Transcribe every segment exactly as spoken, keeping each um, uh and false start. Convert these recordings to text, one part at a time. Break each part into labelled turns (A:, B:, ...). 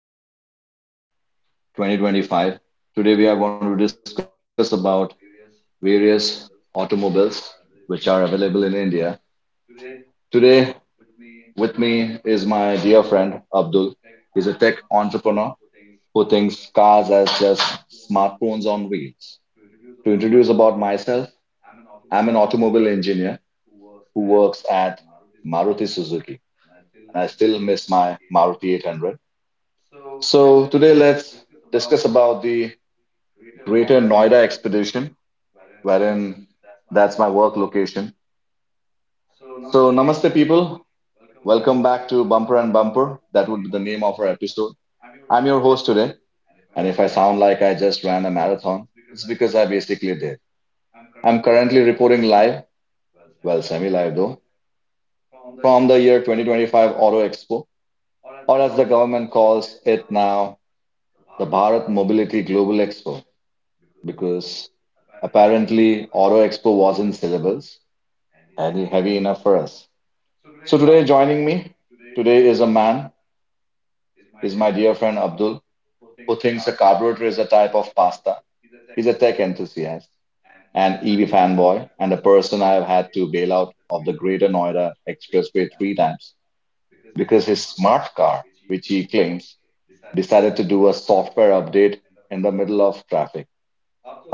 A: the Auto Expo twenty twenty-five. Today, we are going to discuss about various automobiles which are available in India. Today, with me is my dear friend Abdul. He's a tech entrepreneur who thinks cars as just smartphones on wheels. To introduce about myself, I'm an automobile engineer who works at Maruti Suzuki, and I still miss my Maruti eight hundred. So today, let's discuss about the Greater Noida Expedition, wherein that's my work location. So, namaste, people. Welcome back to Bumper and Bumper. That would be the name of our episode. I'm your host today, and if I sound like I just ran a marathon, it's because I basically did. I'm currently reporting live, well, semi live though, from the year twenty twenty-five Auto Expo, or as the government calls it now, the Bharat Mobility Global Expo, because apparently Auto Expo was in syllables heavy, heavy enough for us. So today joining me today is a man, is my dear friend Abdul, who thinks a carburetor is a type of pasta. He's a tech enthusiast, an E V fanboy, and a person I have had to bail out of the Greater Noida Expressway three times because his smart car, which he claims, decided to do a software update in the middle of traffic.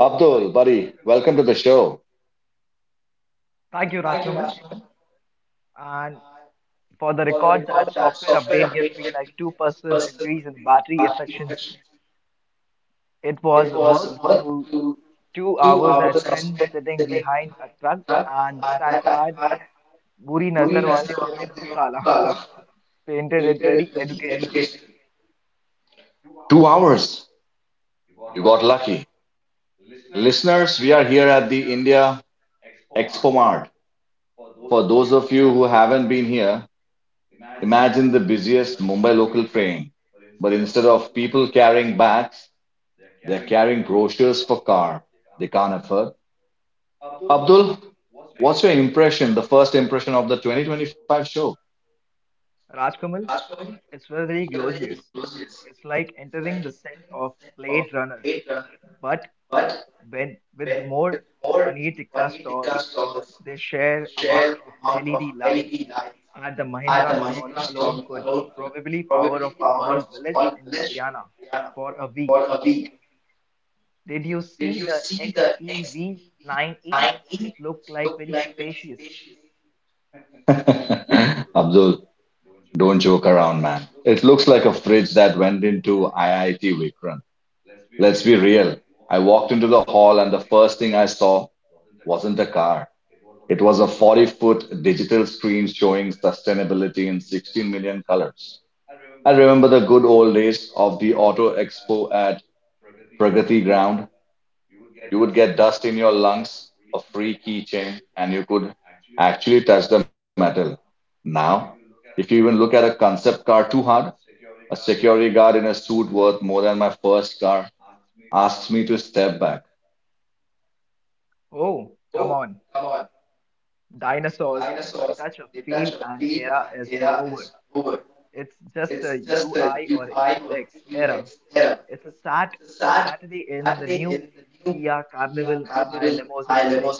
A: Abdul, buddy, welcome to the show.
B: Thank you, Rajkamal. And for the record, that software update gave me like two percent increase in battery efficiency. It was worth to two hours I spent sitting behind a truck and that I had Buri Nazar Wale Tera Muh Kala painted it very educationally.
A: Two hours. You got lucky. Listeners, we are here at the India Expo Mart. For those of you who haven't been here, imagine the busiest Mumbai local train. But instead of people carrying bags, they're carrying brochures for car they can't afford. Abdul, what's your impression, the first impression of the twenty twenty-five show?
B: Rajkamal, it's very glorious. It's like entering the scent of Blade Runner, but when, with more paneer tikka stalls, the sheer amount of L E D lights at the Mahindra stall alone could probably power off a small village in Haryana for a week. Did you see the X E V nine E? It looked like very spacious.
A: Abdul, don't joke around, man. It looks like a fridge that went into I I T Vikram. Let's be real. I walked into the hall, and the first thing I saw wasn't a car. It was a forty-foot digital screen showing sustainability in sixteen million colors. I remember the good old days of the Auto Expo at Pragati Ground. You would get dust in your lungs, a free keychain, and you could actually touch the metal. Now, if you even look at a concept car too hard, a security guard in a suit worth more than my first car asks me to step back.
B: Oh, come on. Dinosaurs. The touch of feel and era is over. It's just a U I or U X era. It's a sat Saturday in the new Kia Carnival High limousine today.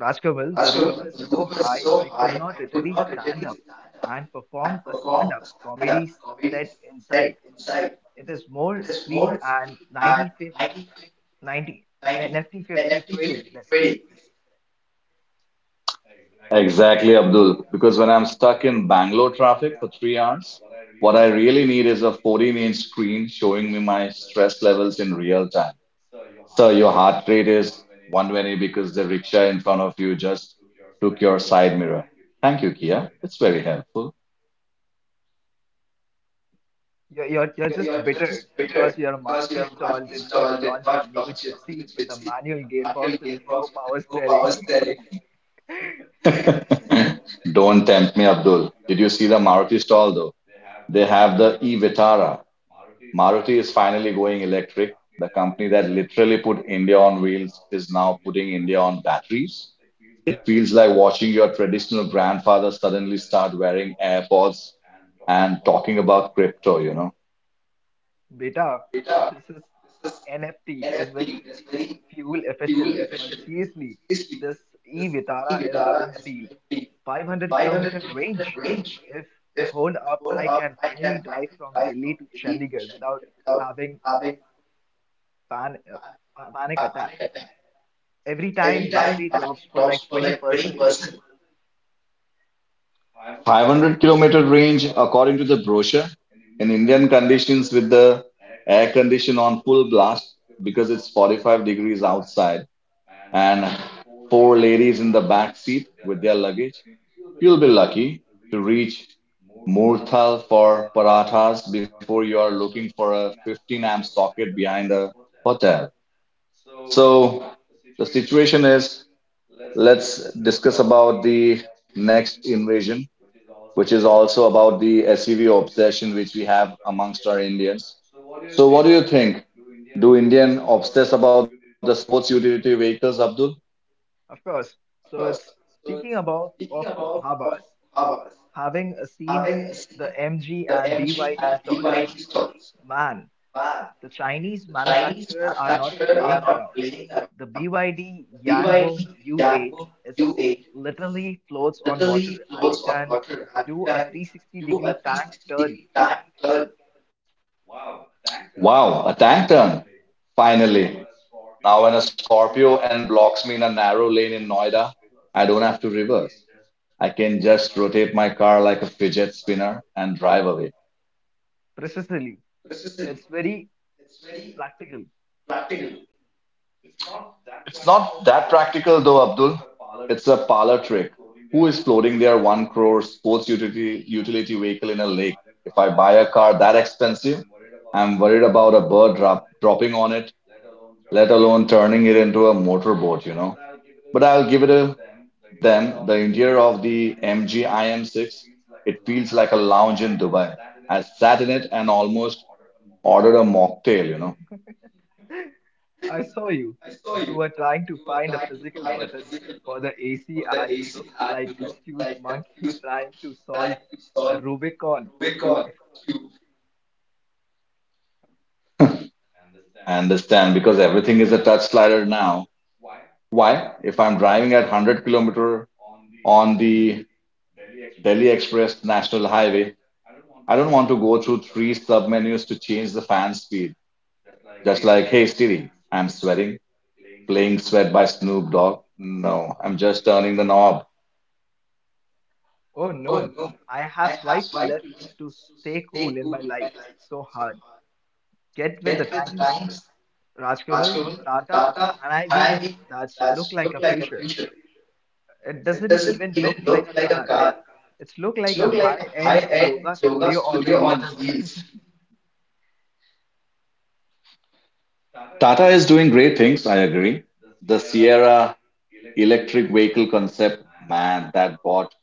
B: Rajkamal, the roof is so high I could not really stand up and perform a stand-up comedy set inside. It is more screen and ninety, ninety Nifty fifty trading desk.
A: Exactly, Abdul. Because when I'm stuck in Bangalore traffic for three hours, what I really need is a fourteen-inch screen showing me my stress levels in real time. Sir, your heart rate is one hundred twenty because the rickshaw in front of you just took your side mirror. Thank you, Kia. It's very helpful.
B: You're, you're, you're just bitter because your Maruti stall did not launch a new Gypsy with a manual gearbox with a new power steering.
A: Don't tempt me, Abdul. Did you see the Maruti stall though? They have the e-Vitara. Maruti is finally going electric. The company that literally put India on wheels is now putting India on batteries. It feels like watching your traditional grandfather suddenly start wearing AirPods and talking about crypto, you know.
B: Beta, this is N F T is very fuel efficient, but seriously, this e-Vitara is big deal. five hundred kilometer range. If hold up, I can finally drive from Delhi to Chandigarh without having a pan a pa- panic attack. Every time battery drops for like twenty percent.
A: five hundred kilometer range, according to the brochure, in Indian conditions with the air condition on full blast because it's forty-five degrees outside, and four ladies in the back seat with their luggage, you'll be lucky to reach Murthal for parathas before you are looking for a fifteen amp socket behind a hotel. So the situation is, let's discuss about the next invasion, which is also about the S U V obsession which we have amongst our Indians. So what do you think? Do Indian obsess about the sports utility vehicles, Abdul?
B: Of course. So it's speaking about of dhabas, having uh, seen the M G and B Y D stalls, man. The Chinese manufacturer are not playing around. The B Y D Yangbong U eight is literally floats on water and it can do a three sixty degree tank turn
A: Wow, a tank turn. Finally. Now when a Scorpio and blocks me in a narrow lane in Noida, I don't have to reverse. I can just rotate my car like a fidget spinner and drive away.
B: precisely. It's very practical.
A: It's not that practical though, Abdul. It's a parlor trick. Who is floating their one crore sports utility utility vehicle in a lake? If I buy a car that expensive, I'm worried about a bird drop, dropping on it, let alone turning it into a motorboat, you know. But I'll give it a them, the interior of the M G I M six. It feels like a lounge in Dubai. I sat in it and almost ordered a mocktail, you know.
B: I saw you. You were trying to find a physical button for the A C and you looked like confused monkey trying to solve a Rubicon cube.
A: I understand because everything is a touch slider now. Why? If I'm driving at one hundred kilometer on the Delhi Express National Highway, I don't want to go through three submenus to change the fan speed. Just like, hey Siri, I'm sweating, playing Sweat by Snoop Dogg. No, I'm just turning the knob.
B: Oh no, I have swiped left to stay cool in my life. So hard. Get with the times, Rajkamal, the Tata, and I being that look like a future. It doesn't even look like a car. It's look like a high-end yoga studio on the wheels.
A: Tata is doing great things, I agree. The Sierra electric vehicle concept, man, that brought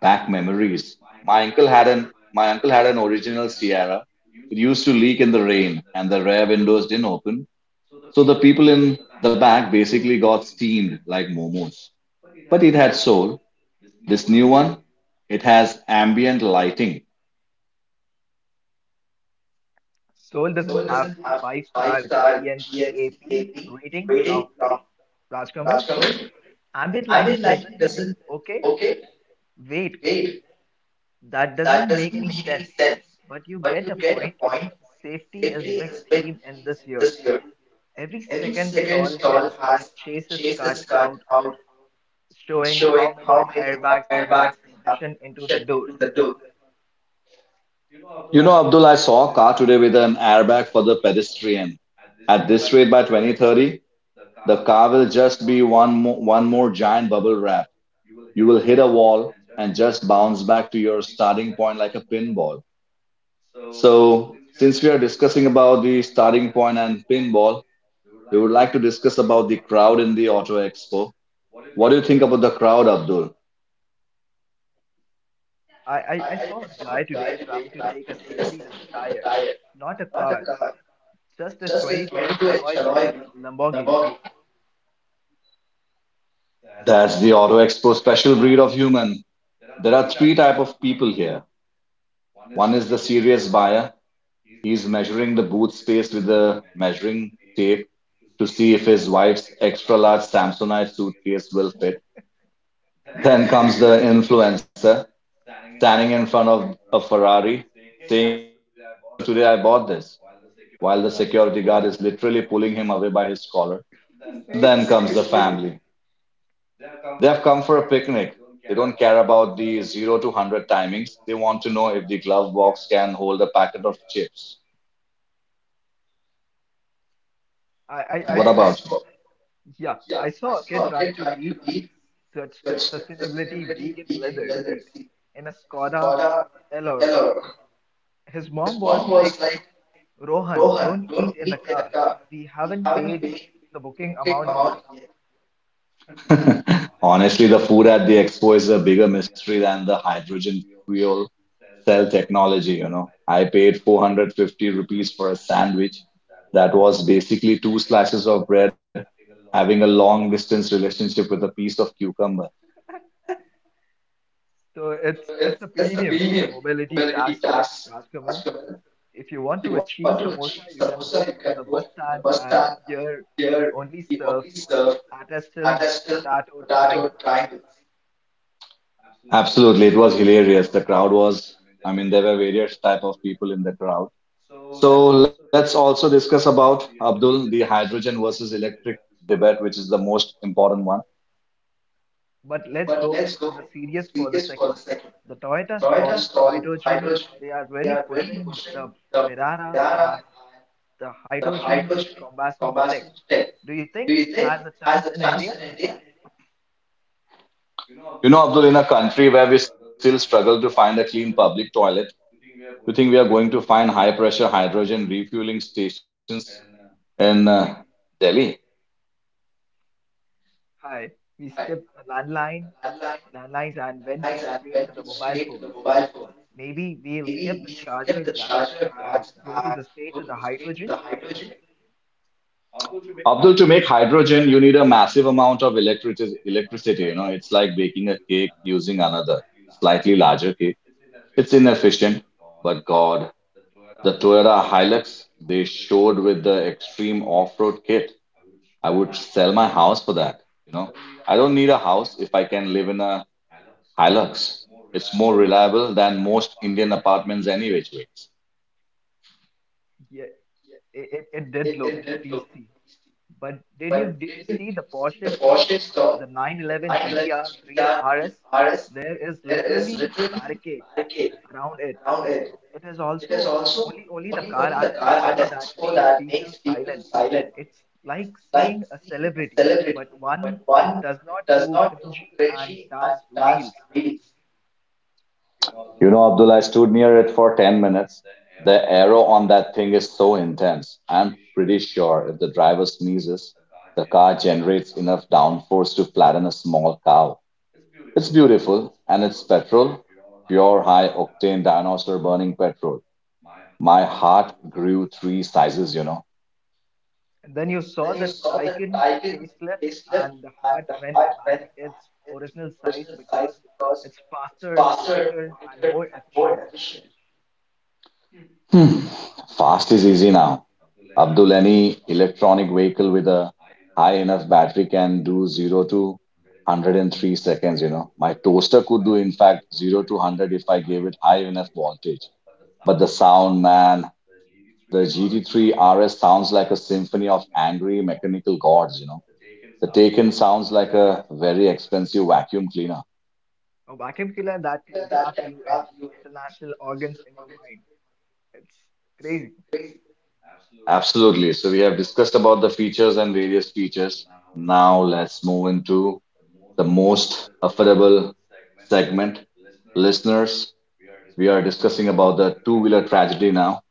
A: back memories. My uncle had an my uncle had an original Sierra. It used to leak in the rain and the rear windows didn't open. So the people in the back basically got steamed like momos. But it had soul. This new one, it has ambient lighting.
B: Seoul doesn't have five-star G N cap rating, Ra- Rajkamal. Ambient lighting doesn't. Okay, wait. That doesn't make any sense, but you get a point. Safety is big theme in this year. Every second stall has chases cut out showing how many airbags they have positioned into the door.
A: You know, Abdul, I saw a car today with an airbag for the pedestrian. At this rate, by twenty thirty, the car will just be one more, one more giant bubble wrap. You will hit a wall and just bounce back to your starting point like a pinball. So, since we are discussing about the starting point and pinball, we would like to discuss about the crowd in the Auto Expo. What do you think about the crowd, Abdul?
B: I, I, I saw a guy today trying to take a selfie with the tire, not a car, just a twenty-two inch alloy wheel, Lamborghini.
A: That's the Auto Expo special breed of human. There are three type of people here. One is the serious buyer. He's measuring the booth space with a measuring tape to see if his wife's extra large Samsonite suitcase will fit. Then comes the influencer standing in front of a Ferrari saying, "Hey guys, so today I bought this," while the security guard is literally pulling him away by his collar. Then
B: Seriously,
A: comes the family. They have come for a picnic. They don't care about the zero to one hundred timings. They want to know if the glove box can hold a packet of chips.
B: I, I, I
A: What
B: saw.
A: about you?
B: Yeah, I saw a kid trying to eat such sustainability vegan leather seat in a Skoda Elorok. His mom was like, Rohan, don't eat in the car. We haven't paid the booking amount yet.
A: Honestly, the food at the expo is a bigger mystery than the hydrogen fuel cell technology, you know. I paid four hundred fifty rupees for a sandwich that was basically two slices of bread having a long distance relationship with a piece of cucumber.
B: So it's it's a premium mobility tax, Rajkamal. If you want to achieve samosa, you can go to the bus stand and here we only serve artisanal potato triangles.
A: Absolutely, it was hilarious. The crowd was, I mean, there were various type of people in the crowd. So let's also discuss about Abdul, the hydrogen versus electric debate, which is the most important one.
B: But let's go to the serious for the second. The Toyota stall hydrogen, they are really pushing the Mirara and the hydrogen combustion tech. Do you think has a chance in India?
A: You know, Abdul, in a country where we still struggle to find a clean public toilet, you think we are going to find high pressure hydrogen refueling stations in uh, Delhi?
B: Hi, we skipped a landline, landlines and went to straight to the mobile phones. Maybe we'll skip the charger grads and go to the straight to the hydrogen.
A: Abdul, to make hydrogen, you need a massive amount of electricity. Electricity, you know, it's like baking a cake using another slightly larger cake. It's inefficient, but God, the Toyota Hilux they showed with the extreme off-road kit, I would sell my house for that. You know, I don't need a house if I can live in a Hilux. It's more reliable than most Indian apartments any which way.
B: Yeah, it, it it did look beastly. But did you did you see the Porsche stall? The nine eleven G T R three R S? There is literally barricade around it. It is also only only the car at the expo that makes people silent. It's like seeing a celebrity, but one it does not do cringy and dance reels.
A: You know, Abdullah, I stood near it for ten minutes. The aero on that thing is so intense. I'm pretty sure if the driver sneezes, the car generates enough downforce to flatten a small cow. It's beautiful and it's petrol, pure high octane dinosaur burning petrol. My heart grew three sizes, you know.
B: And then you saw the Taycan facelift, and the heart went back its original size because it's faster, quieter, and more efficient.
A: Fast is easy now. Abdul, any electronic vehicle with a high enough battery can do zero to one hundred three seconds, you know. My toaster could do, in fact, zero to one hundred if I gave it high enough voltage. But the sound, man, the G T three R S sounds like a symphony of angry mechanical gods, you know. The Taken sounds like a very expensive vacuum cleaner.
B: A vacuum cleaner that can wrap you in international organs in your mind. It's crazy.
A: Absolutely. So we have discussed about the features and various features. Now let's move into the most affordable segment. Listeners, we are discussing about the two-wheeler tragedy now,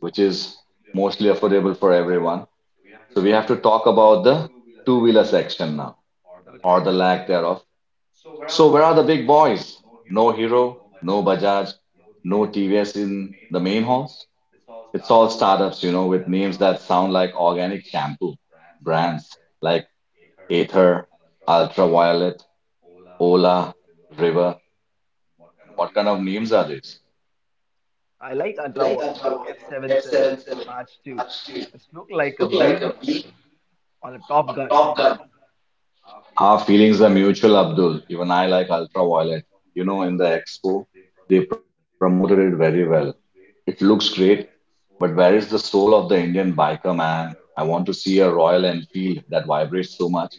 A: which is mostly affordable for everyone. So we have to talk about the two-wheeler section now, or
B: Okay.
A: the lack thereof. So where are the big boys? No Hero, no Bajaj, no T V S in the main halls. It's all startups, you know, with names that sound like organic shampoo brands like Aether, Ultraviolet, Ola, River. What kind of names are these?
B: I like Ultraviolet F seven seven March two. It's look like a being on a Top Gun.
A: Our feelings are mutual, Abdul. Even I like Ultraviolet. You know, in the expo, they promoted it very well. It looks great, but where is the soul of the Indian biker man? I want to see a Royal Enfield that vibrates so much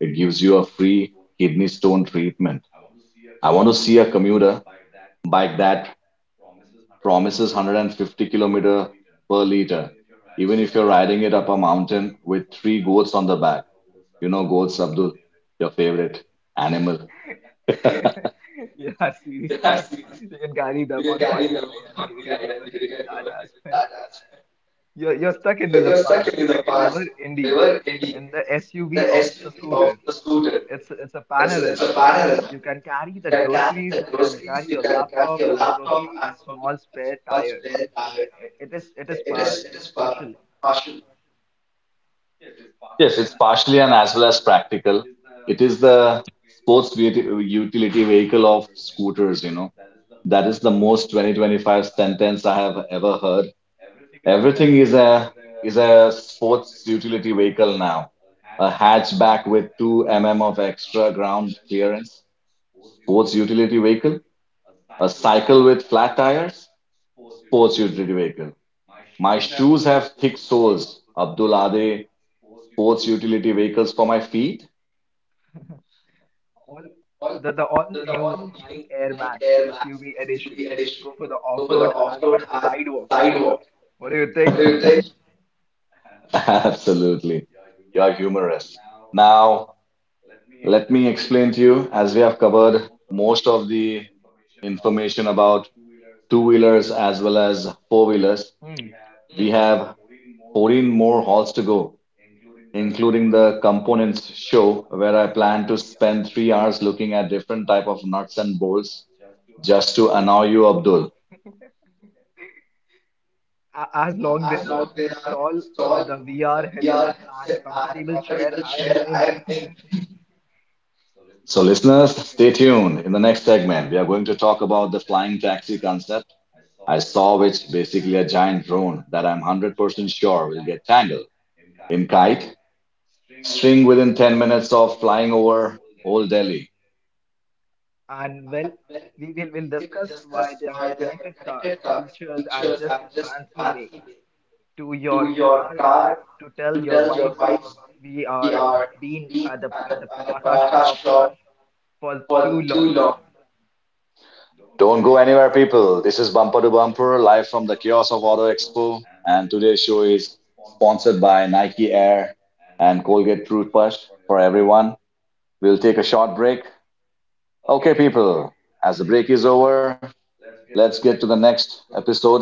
A: it gives you a free kidney stone treatment. I want to see a commuter bike that promises one hundred fifty kilometer per liter, even if you're riding it up a mountain with three goats on the back. You know, goats, Abdul, your favorite animal.
B: Yeah, seriously. We can carry them on one behind and we can we can go ahead with that as well. You're, you're stuck into the past, the River Indy, and the S U V of the scooter. It's, it's a panorama. You can carry the groceries, you can carry your laptop, and probably a small spare tire. I- It is, it is par, partially.
A: Yes, it's partially and as well as practical. It is the sports uti- utility vehicle of scooters, you know. That is the most twenty twenty-five sentence I have ever heard. Everything is a is a sports utility vehicle now. A hatchback with two millimeters of extra ground clearance, sports utility vehicle. A cycle with flat tires, sports utility vehicle. My shoes have thick soles. Abdul, are they sports utility vehicles for my feet?
B: All, the, the all new Nike Air Max S U V edition. Go for the off road and sidewalk. What do you think?
A: Absolutely. You are humorous. Now, let me explain to you, as we have covered most of the information about two-wheelers as well as four-wheelers.
B: Hmm.
A: We have fourteen more halls to go, including the components show, where I plan to spend three hours looking at different type of nuts and bolts just to annoy you, Abdul.
B: A- as long there are a stall with a V R headset and a comfortable chair, I am in.
A: So listeners, stay tuned. In the next segment, we are going to talk about the flying taxi concept I saw, which basically a giant drone that I'm one hundred percent sure will get tangled in kite string within ten minutes of flying over Old Delhi.
B: And well, we will will discuss why they are connected cars, features, and just fancy way to your car to tell your wives we are been at the at the paratha shop for too long.
A: Don't go anywhere, people. This is Bumper to Bumper, live from the kiosk of Auto Expo. And today's show is sponsored by Nike Air and Colgate Toothpaste for everyone. We'll take a short break. Okay, people, as the break is over, let's get to the next episode.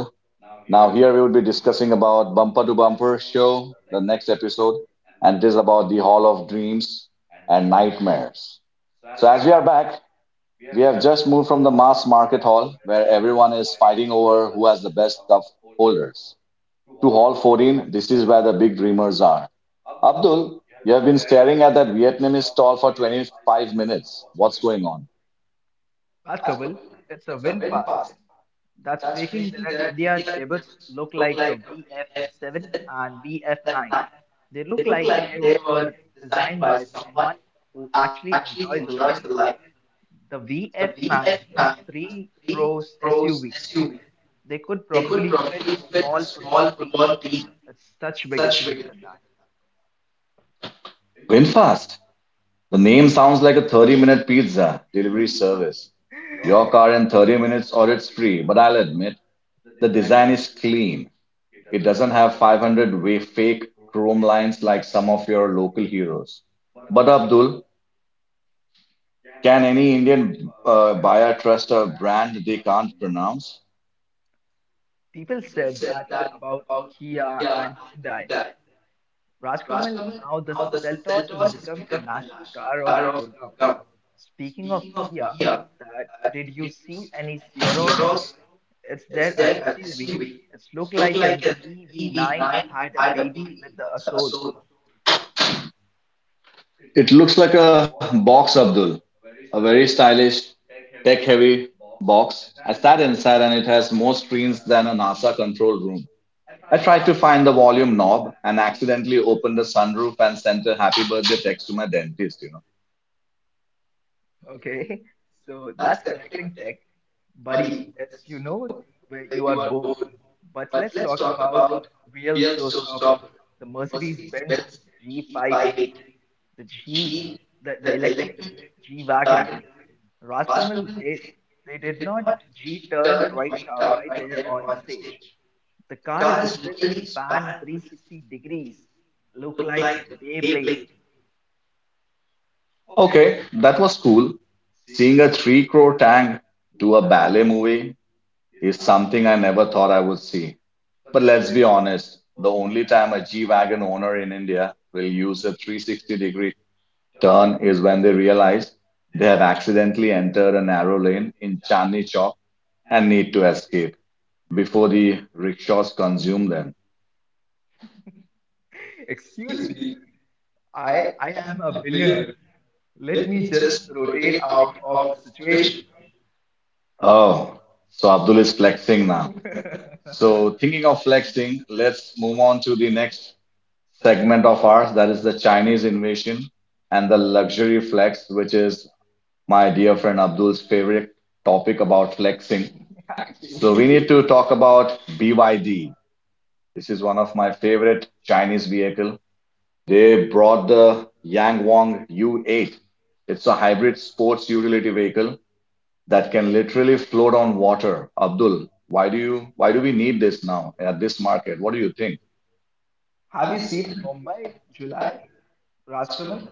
A: Now, here we will be discussing about Bumper to Bumper show, the next episode, and it is about the Hall of Dreams and Nightmares. So, as we are back, we have just moved from the mass market hall, where everyone is fighting over who has the best stuff holders, to hall fourteen. This is where the big dreamers are. Abdul, you have been staring at that Vietnamese stall for twenty-five minutes. What's going on?
B: But Kapil, it's a win fast. That's making their India debuts look like a V F seven and V F nine. They look like they were designed by someone who actually enjoys the life. The V F nine is three rows S U V they could probably fit a small football team. It's such bigger bigger than that.
A: Winfast. The name sounds like a thirty minute pizza delivery service. Your car in thirty minutes or it's free, but I'll admit the design is clean. It doesn't have five hundred wa- fake chrome lines like some of your local heroes. But Abdul, Can any Indian uh, buyer trust a brand they can't pronounce?
B: People said that about Kia and Hyundai. Rajkamal, now the Seltos has become a national car of Gurgaon. Speaking of Kia, that did you see any Ceros? It's their uh, S U V. It's looked like an E V nine had a baby with the Asol.
A: It looks like a box, Abdul, a very stylish, tech-heavy box. I sat inside and it has more screens than a NASA control room. I tried to find the volume knob and accidentally opened the sunroof and sent a happy birthday text to my dentist, you know.
B: Okay, so that's connecting tech. Buddy, it's you know where you are born. But let's talk about real showstopper, the Mercedes-Benz G five eighty, the G, the, the electric G-Wagon. Rajkamal, they they did not G-turn right out, right there on the stage. The car is literally span three sixty degrees, look like a Beyblade.
A: Okay, that was cool. Seeing a three crore tank do a ballet movie is something I never thought I would see. But let's be honest, the only time a G Wagon owner in India will use a three sixty degree turn is when they realize they have accidentally entered a narrow lane in Chandni Chowk and need to escape before the rickshaws consume them.
B: Excuse me, I I am a billionaire. Let me just rotate out of the situation.
A: Oh, so Abdul is flexing now. So, thinking of flexing, let's move on to the next segment of ours, that is the Chinese invasion and the luxury flex, which is my dear friend Abdul's favorite topic about flexing.
B: Actually,
A: So we need to talk about B Y D. This is one of my favorite Chinese vehicle. They brought the Yangwang U eight. It's a hybrid sports utility vehicle that can literally float on water. Abdul, why do you why do we need this now at this market? What do you think?
B: have you seen in Mumbai, July, Rajkamal?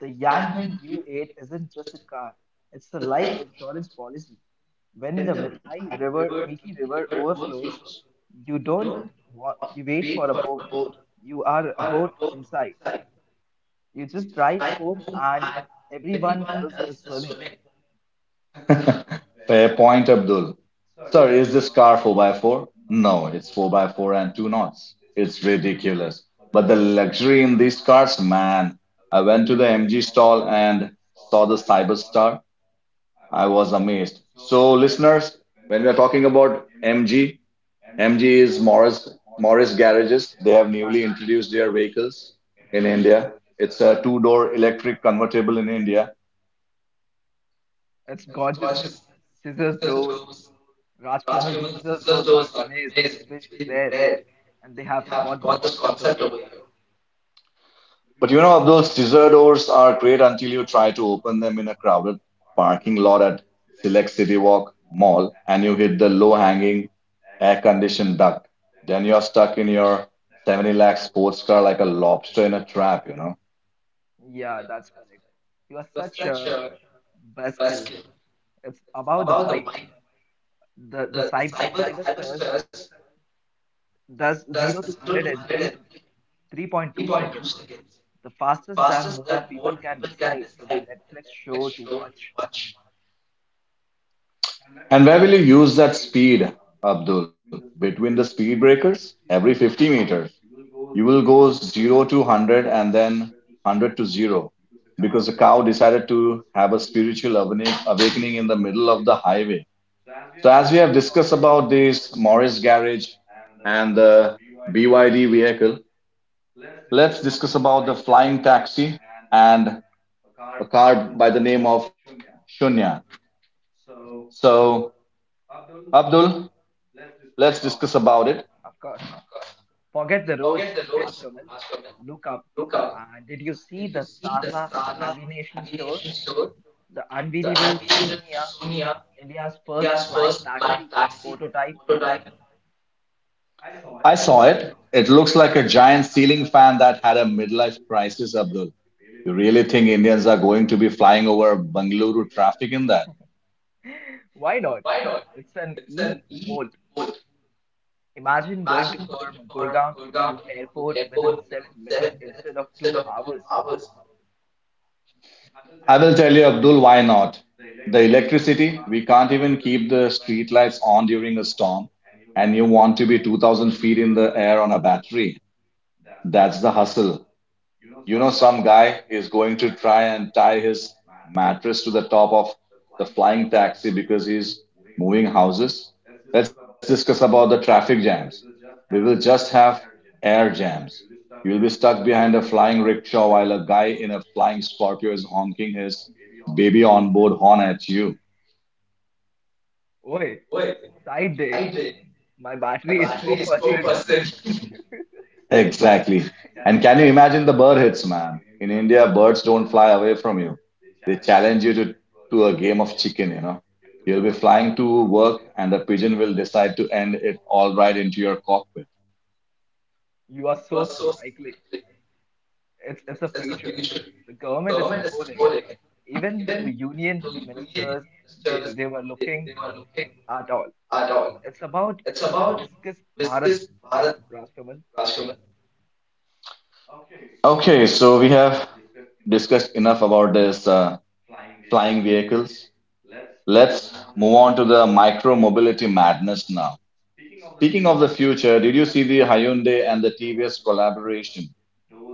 B: The Yangming U eight isn't just a car, it's a life insurance policy. When the Mithai River, Mithi River overflows, you don't wa- you wait for a boat. You are a boat inside. You just drive home and everyone else is swimming.
A: Fair point, Abdul. Sir, is this car four by four? No, it's four by four and two knots. It's ridiculous. But the luxury in these cars, man. I went to the M G stall and saw the Cyberstar. I was amazed. So, listeners, when we are talking about M G, M G is Morris Morris Garages. They have newly
B: Exactly.
A: introduced their vehicles in India. It's a two-door electric convertible in India.
B: It's gorgeous. Scissors doors, Rajkamal's sizzle are amazing. It's very rare, and they have brought this concept over here.
A: But you know, Abdul, scissor doors are great until you try to open them in a crowded parking lot at Select City Walk Mall and you hit the low-hanging air-conditioned duct. Then you're stuck in your seventy lakh sports car like a lobster in a trap, you know.
B: Yeah, that's correct. You are such a buzzkill. It's about the white. The the cyber cyberstars does zero to one hundred and three to three point two seconds. The fastest than more people can decide with the Netflix show to watch.
A: And where will you use that speed, Abdul? Between the speed breakers? Every fifty meters. You will go zero to one hundred and then one hundred to zero because the cow decided to have a spiritual awakening awakening in the middle of the highway. So, as we have discussed about this Morris garage and the B Y D vehicle, let's discuss about the flying taxi and a car by the name of Shunya. So, Abdul, let's discuss about it.
B: Of course, forget the roads, Rajkamal. Look up. And did you see the Sarla Aviation store? The unbelievable Sonia, India's first flying taxi prototype.
A: I saw it. It looks like a giant ceiling fan that had a midlife crisis, Abdul. You really think Indians are going to be flying over Bengaluru traffic in that?
B: Why not? It's an e-Volt. Imagine going to from Gurgaon to, to airport within seven minutes instead of two hours.
A: I will tell you, Abdul, why not? The electricity, we can't even keep the street lights on during a storm, and you want to be two thousand feet in the air on a battery. That's the hustle. You know, some guy is going to try and tie his mattress to the top of the flying taxi because he's moving houses. Let's discuss about the traffic jams. We will just have air jams. You'll be stuck behind a flying rickshaw while a guy in a flying Scorpio is honking his baby onboard horn at you.
B: Oi, side day. My battery is four percent.
A: Exactly. And can you imagine the bird hits, man? In India, birds don't fly away from you. They challenge you to, to a game of chicken, you know. You'll be flying to work and the pigeon will decide to end it all right into your cockpit.
B: You are so cyclic. It's it's a future. The government is supporting it. Even the union ministers, they, they were looking at all. It's about viscous Bharat Rastaman?
A: Okay, so we have discussed enough about this uh, flying vehicles. Let's move on to the micro mobility madness now. Speaking of the future, did you see the Hyundai and the T V S collaboration?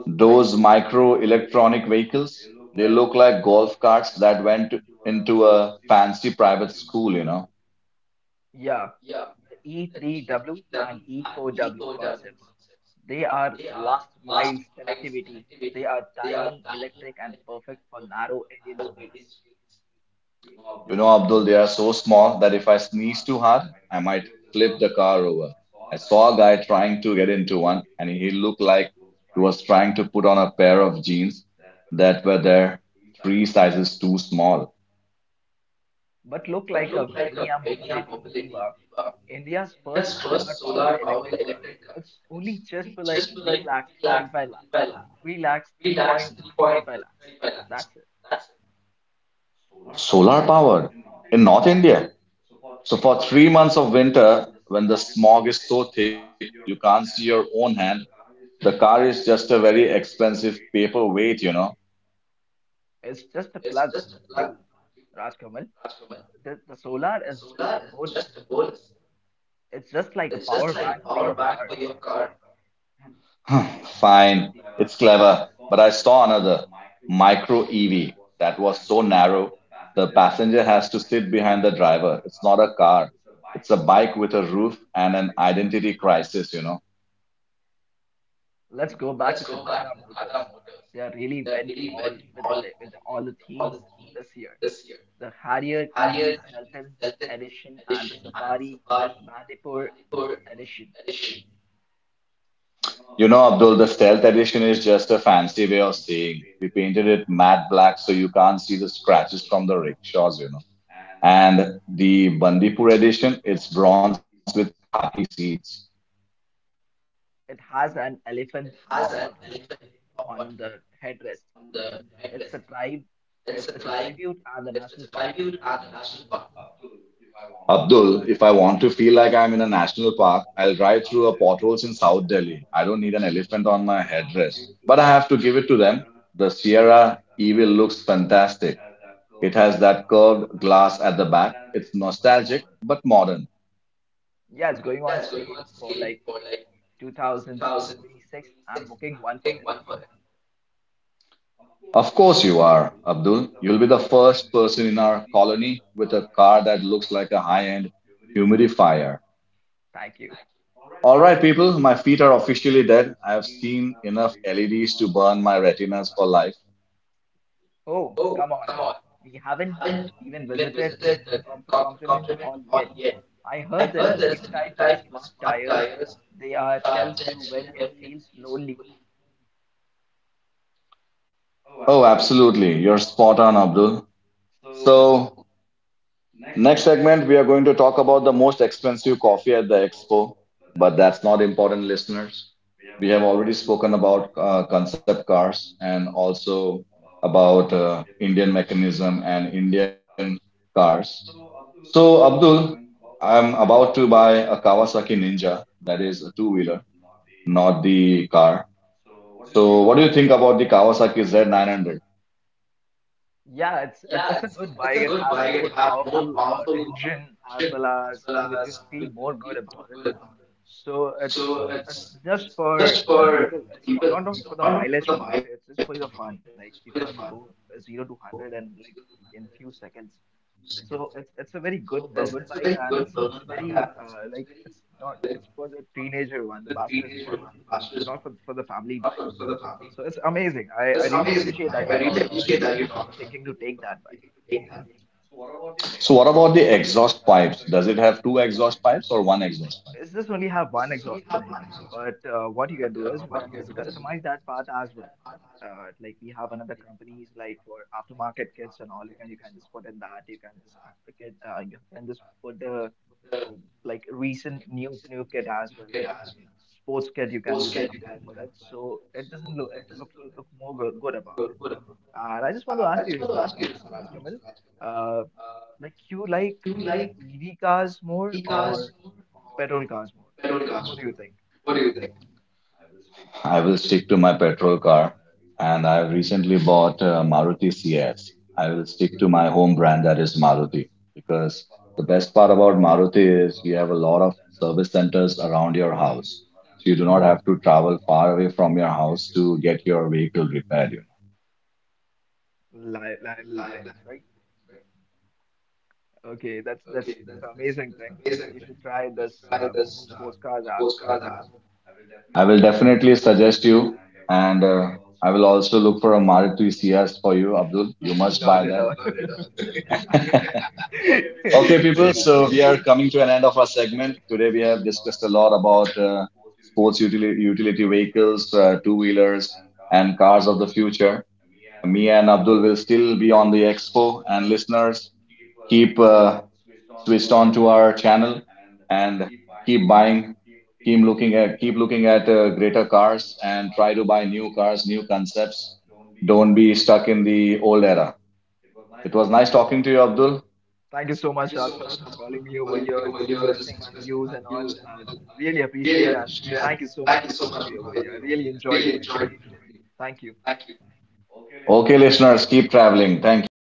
A: Those micro electronic vehicles, they look like golf carts that went into a fancy private school, you know.
B: Yeah, the E three W and E four W concepts. They are last miles connectivity. They are tiny, electric, and perfect for narrow Indian streets,
A: You know, Abdul, they are so small that if I sneeze too hard, I might flip the car over. I saw a guy trying to get into one, and he looked like he was trying to put on a pair of jeans that were there three sizes too small.
B: but look like a Venia Mobility EVA, India's first solar power electric car. It's only just for like three lakhs, thirty-five lakhs, three lakhs, three point three five lakhs. That's it.
A: Solar powered in North India. So for three months of winter, when the smog is so thick you can't see your own hand, the car is just a very expensive paperweight, you know.
B: It's just a plug, too, Rajkamal. The, the solar is just a bonus. It's just like a power bank for your car.
A: Fine, it's clever, but I saw another micro E V that was so narrow. The passenger has to sit behind the driver. It's not a car. It's a bike with a roof and an identity crisis, you know.
B: Let's go back to the Tata Motors. They really went all with the, with the, all the themes this year. The Harrier E V Sultan edition and the Safari Bandipur edition.
A: You know, Abdul, the stealth edition is just a fancy way of saying we painted it matte black so you can't see the scratches from the rickshaws, you know. And the Bandipur edition, it's bronze with khaki seats.
B: It has an elephant mo- motif on the headrest. It's a tribe. It's, it's a tribute and the national park.
A: Abdul, if I want to feel like I'm in a national park, I'll drive through a potholes in South Delhi. I don't need an elephant on my headdress. But I have to give it to them. The Sierra Evil looks fantastic. It has that curved glass at the back. It's nostalgic but modern.
B: Yeah, it's going on sale for like two thousand twenty-six. I'm booking one for it.
A: Of course you are, Abdul. You'll be the first person in our colony with a car that looks like a high-end humidifier.
B: Thank you.
A: All right, people, my feet are officially dead. I have seen enough L E Ds to burn my retinas for life.
B: Oh, come on. We haven't even visited the Comfort Compliment Hall yet. I heard there is a new type of smart tires. They are tells you when it feels lonely.
A: Oh, absolutely. You're spot on, Abdul. So, next segment, we are going to talk about the most expensive coffee at the expo, but that's not important, listeners. We have already spoken about uh, concept cars and also about uh, Indian mechanism and Indian cars. So, Abdul, I'm about to buy a Kawasaki Ninja, that is a two-wheeler, not the car. So, what do you think about the Kawasaki Z nine hundred?
B: Yeah, it's it- it's a good bike. It have a more powerful uh, engine as well as you will you'll feel more good about it. So it's it's just for the people. It's not not not for the mileage part. It's just for the fun. Like you can go zero to hundred and like in few seconds. So it's it's a very good bu- good bike and it's it's very uh, like it's not, it's for the teenager one, the bachelor's one. It's not for for the family bike. So it's amazing. I, I really appreciate that you talk uh, you you are thinking to take that bike.
A: So, what about the exhaust pipes? Does it have two exhaust pipes or one exhaust pipe?
B: It's just only have one exhaust pipe, but uh, what you can do is you can just customize that part as well. Uh, like we have another companies like for aftermarket kits and all. You can you can just put in that. You can just after kit. Uh, you can just put the um, like recent new new kit as well sports kit you can you can apply for it. So it doesn't look it look look more good, good about it. And I just want to ask you, Mister Ra- Mister Rajkamal, uh, like you like E V cars more or petrol cars more? What do you think?
A: I will stick to my petrol car, and I've recently bought a Maruti C X. I will stick to my home brand that is Maruti because the best part about Maruti is you have a lot of service centers around your
B: Hmm.
A: house. So you do not have to travel far away from your house to get your vehicle repaired. you know.
B: Li- liable things, right? Okay, that's that's that's an amazing thing. But you should try this um, sports cars as
A: I will definitely suggest you, and uh, I will also look for a Maruti C S for you, Abdul. You
B: well.
A: must buy
B: Not at all.
A: that. Okay, people, so we are coming to an end of our segment. Today, we have discussed a lot about uh, sports utility, utility vehicles, uh, two wheelers, and cars of the future. Me and Abdul will still be on the expo, and listeners, keep uh, switched on to our channel and keep buying, keep looking at, keep looking at uh, greater cars, and try to buy new cars, new concepts. Don't be stuck in the old era. It was nice talking to you, Abdul.
B: Thank you so much, Rajkamal, for calling me over here, just expressing my views and all. I really appreciate it, and thank you so much for calling me over here. I really enjoyed my day today. Thank you.
A: Okay, listeners, keep traveling. Thank you.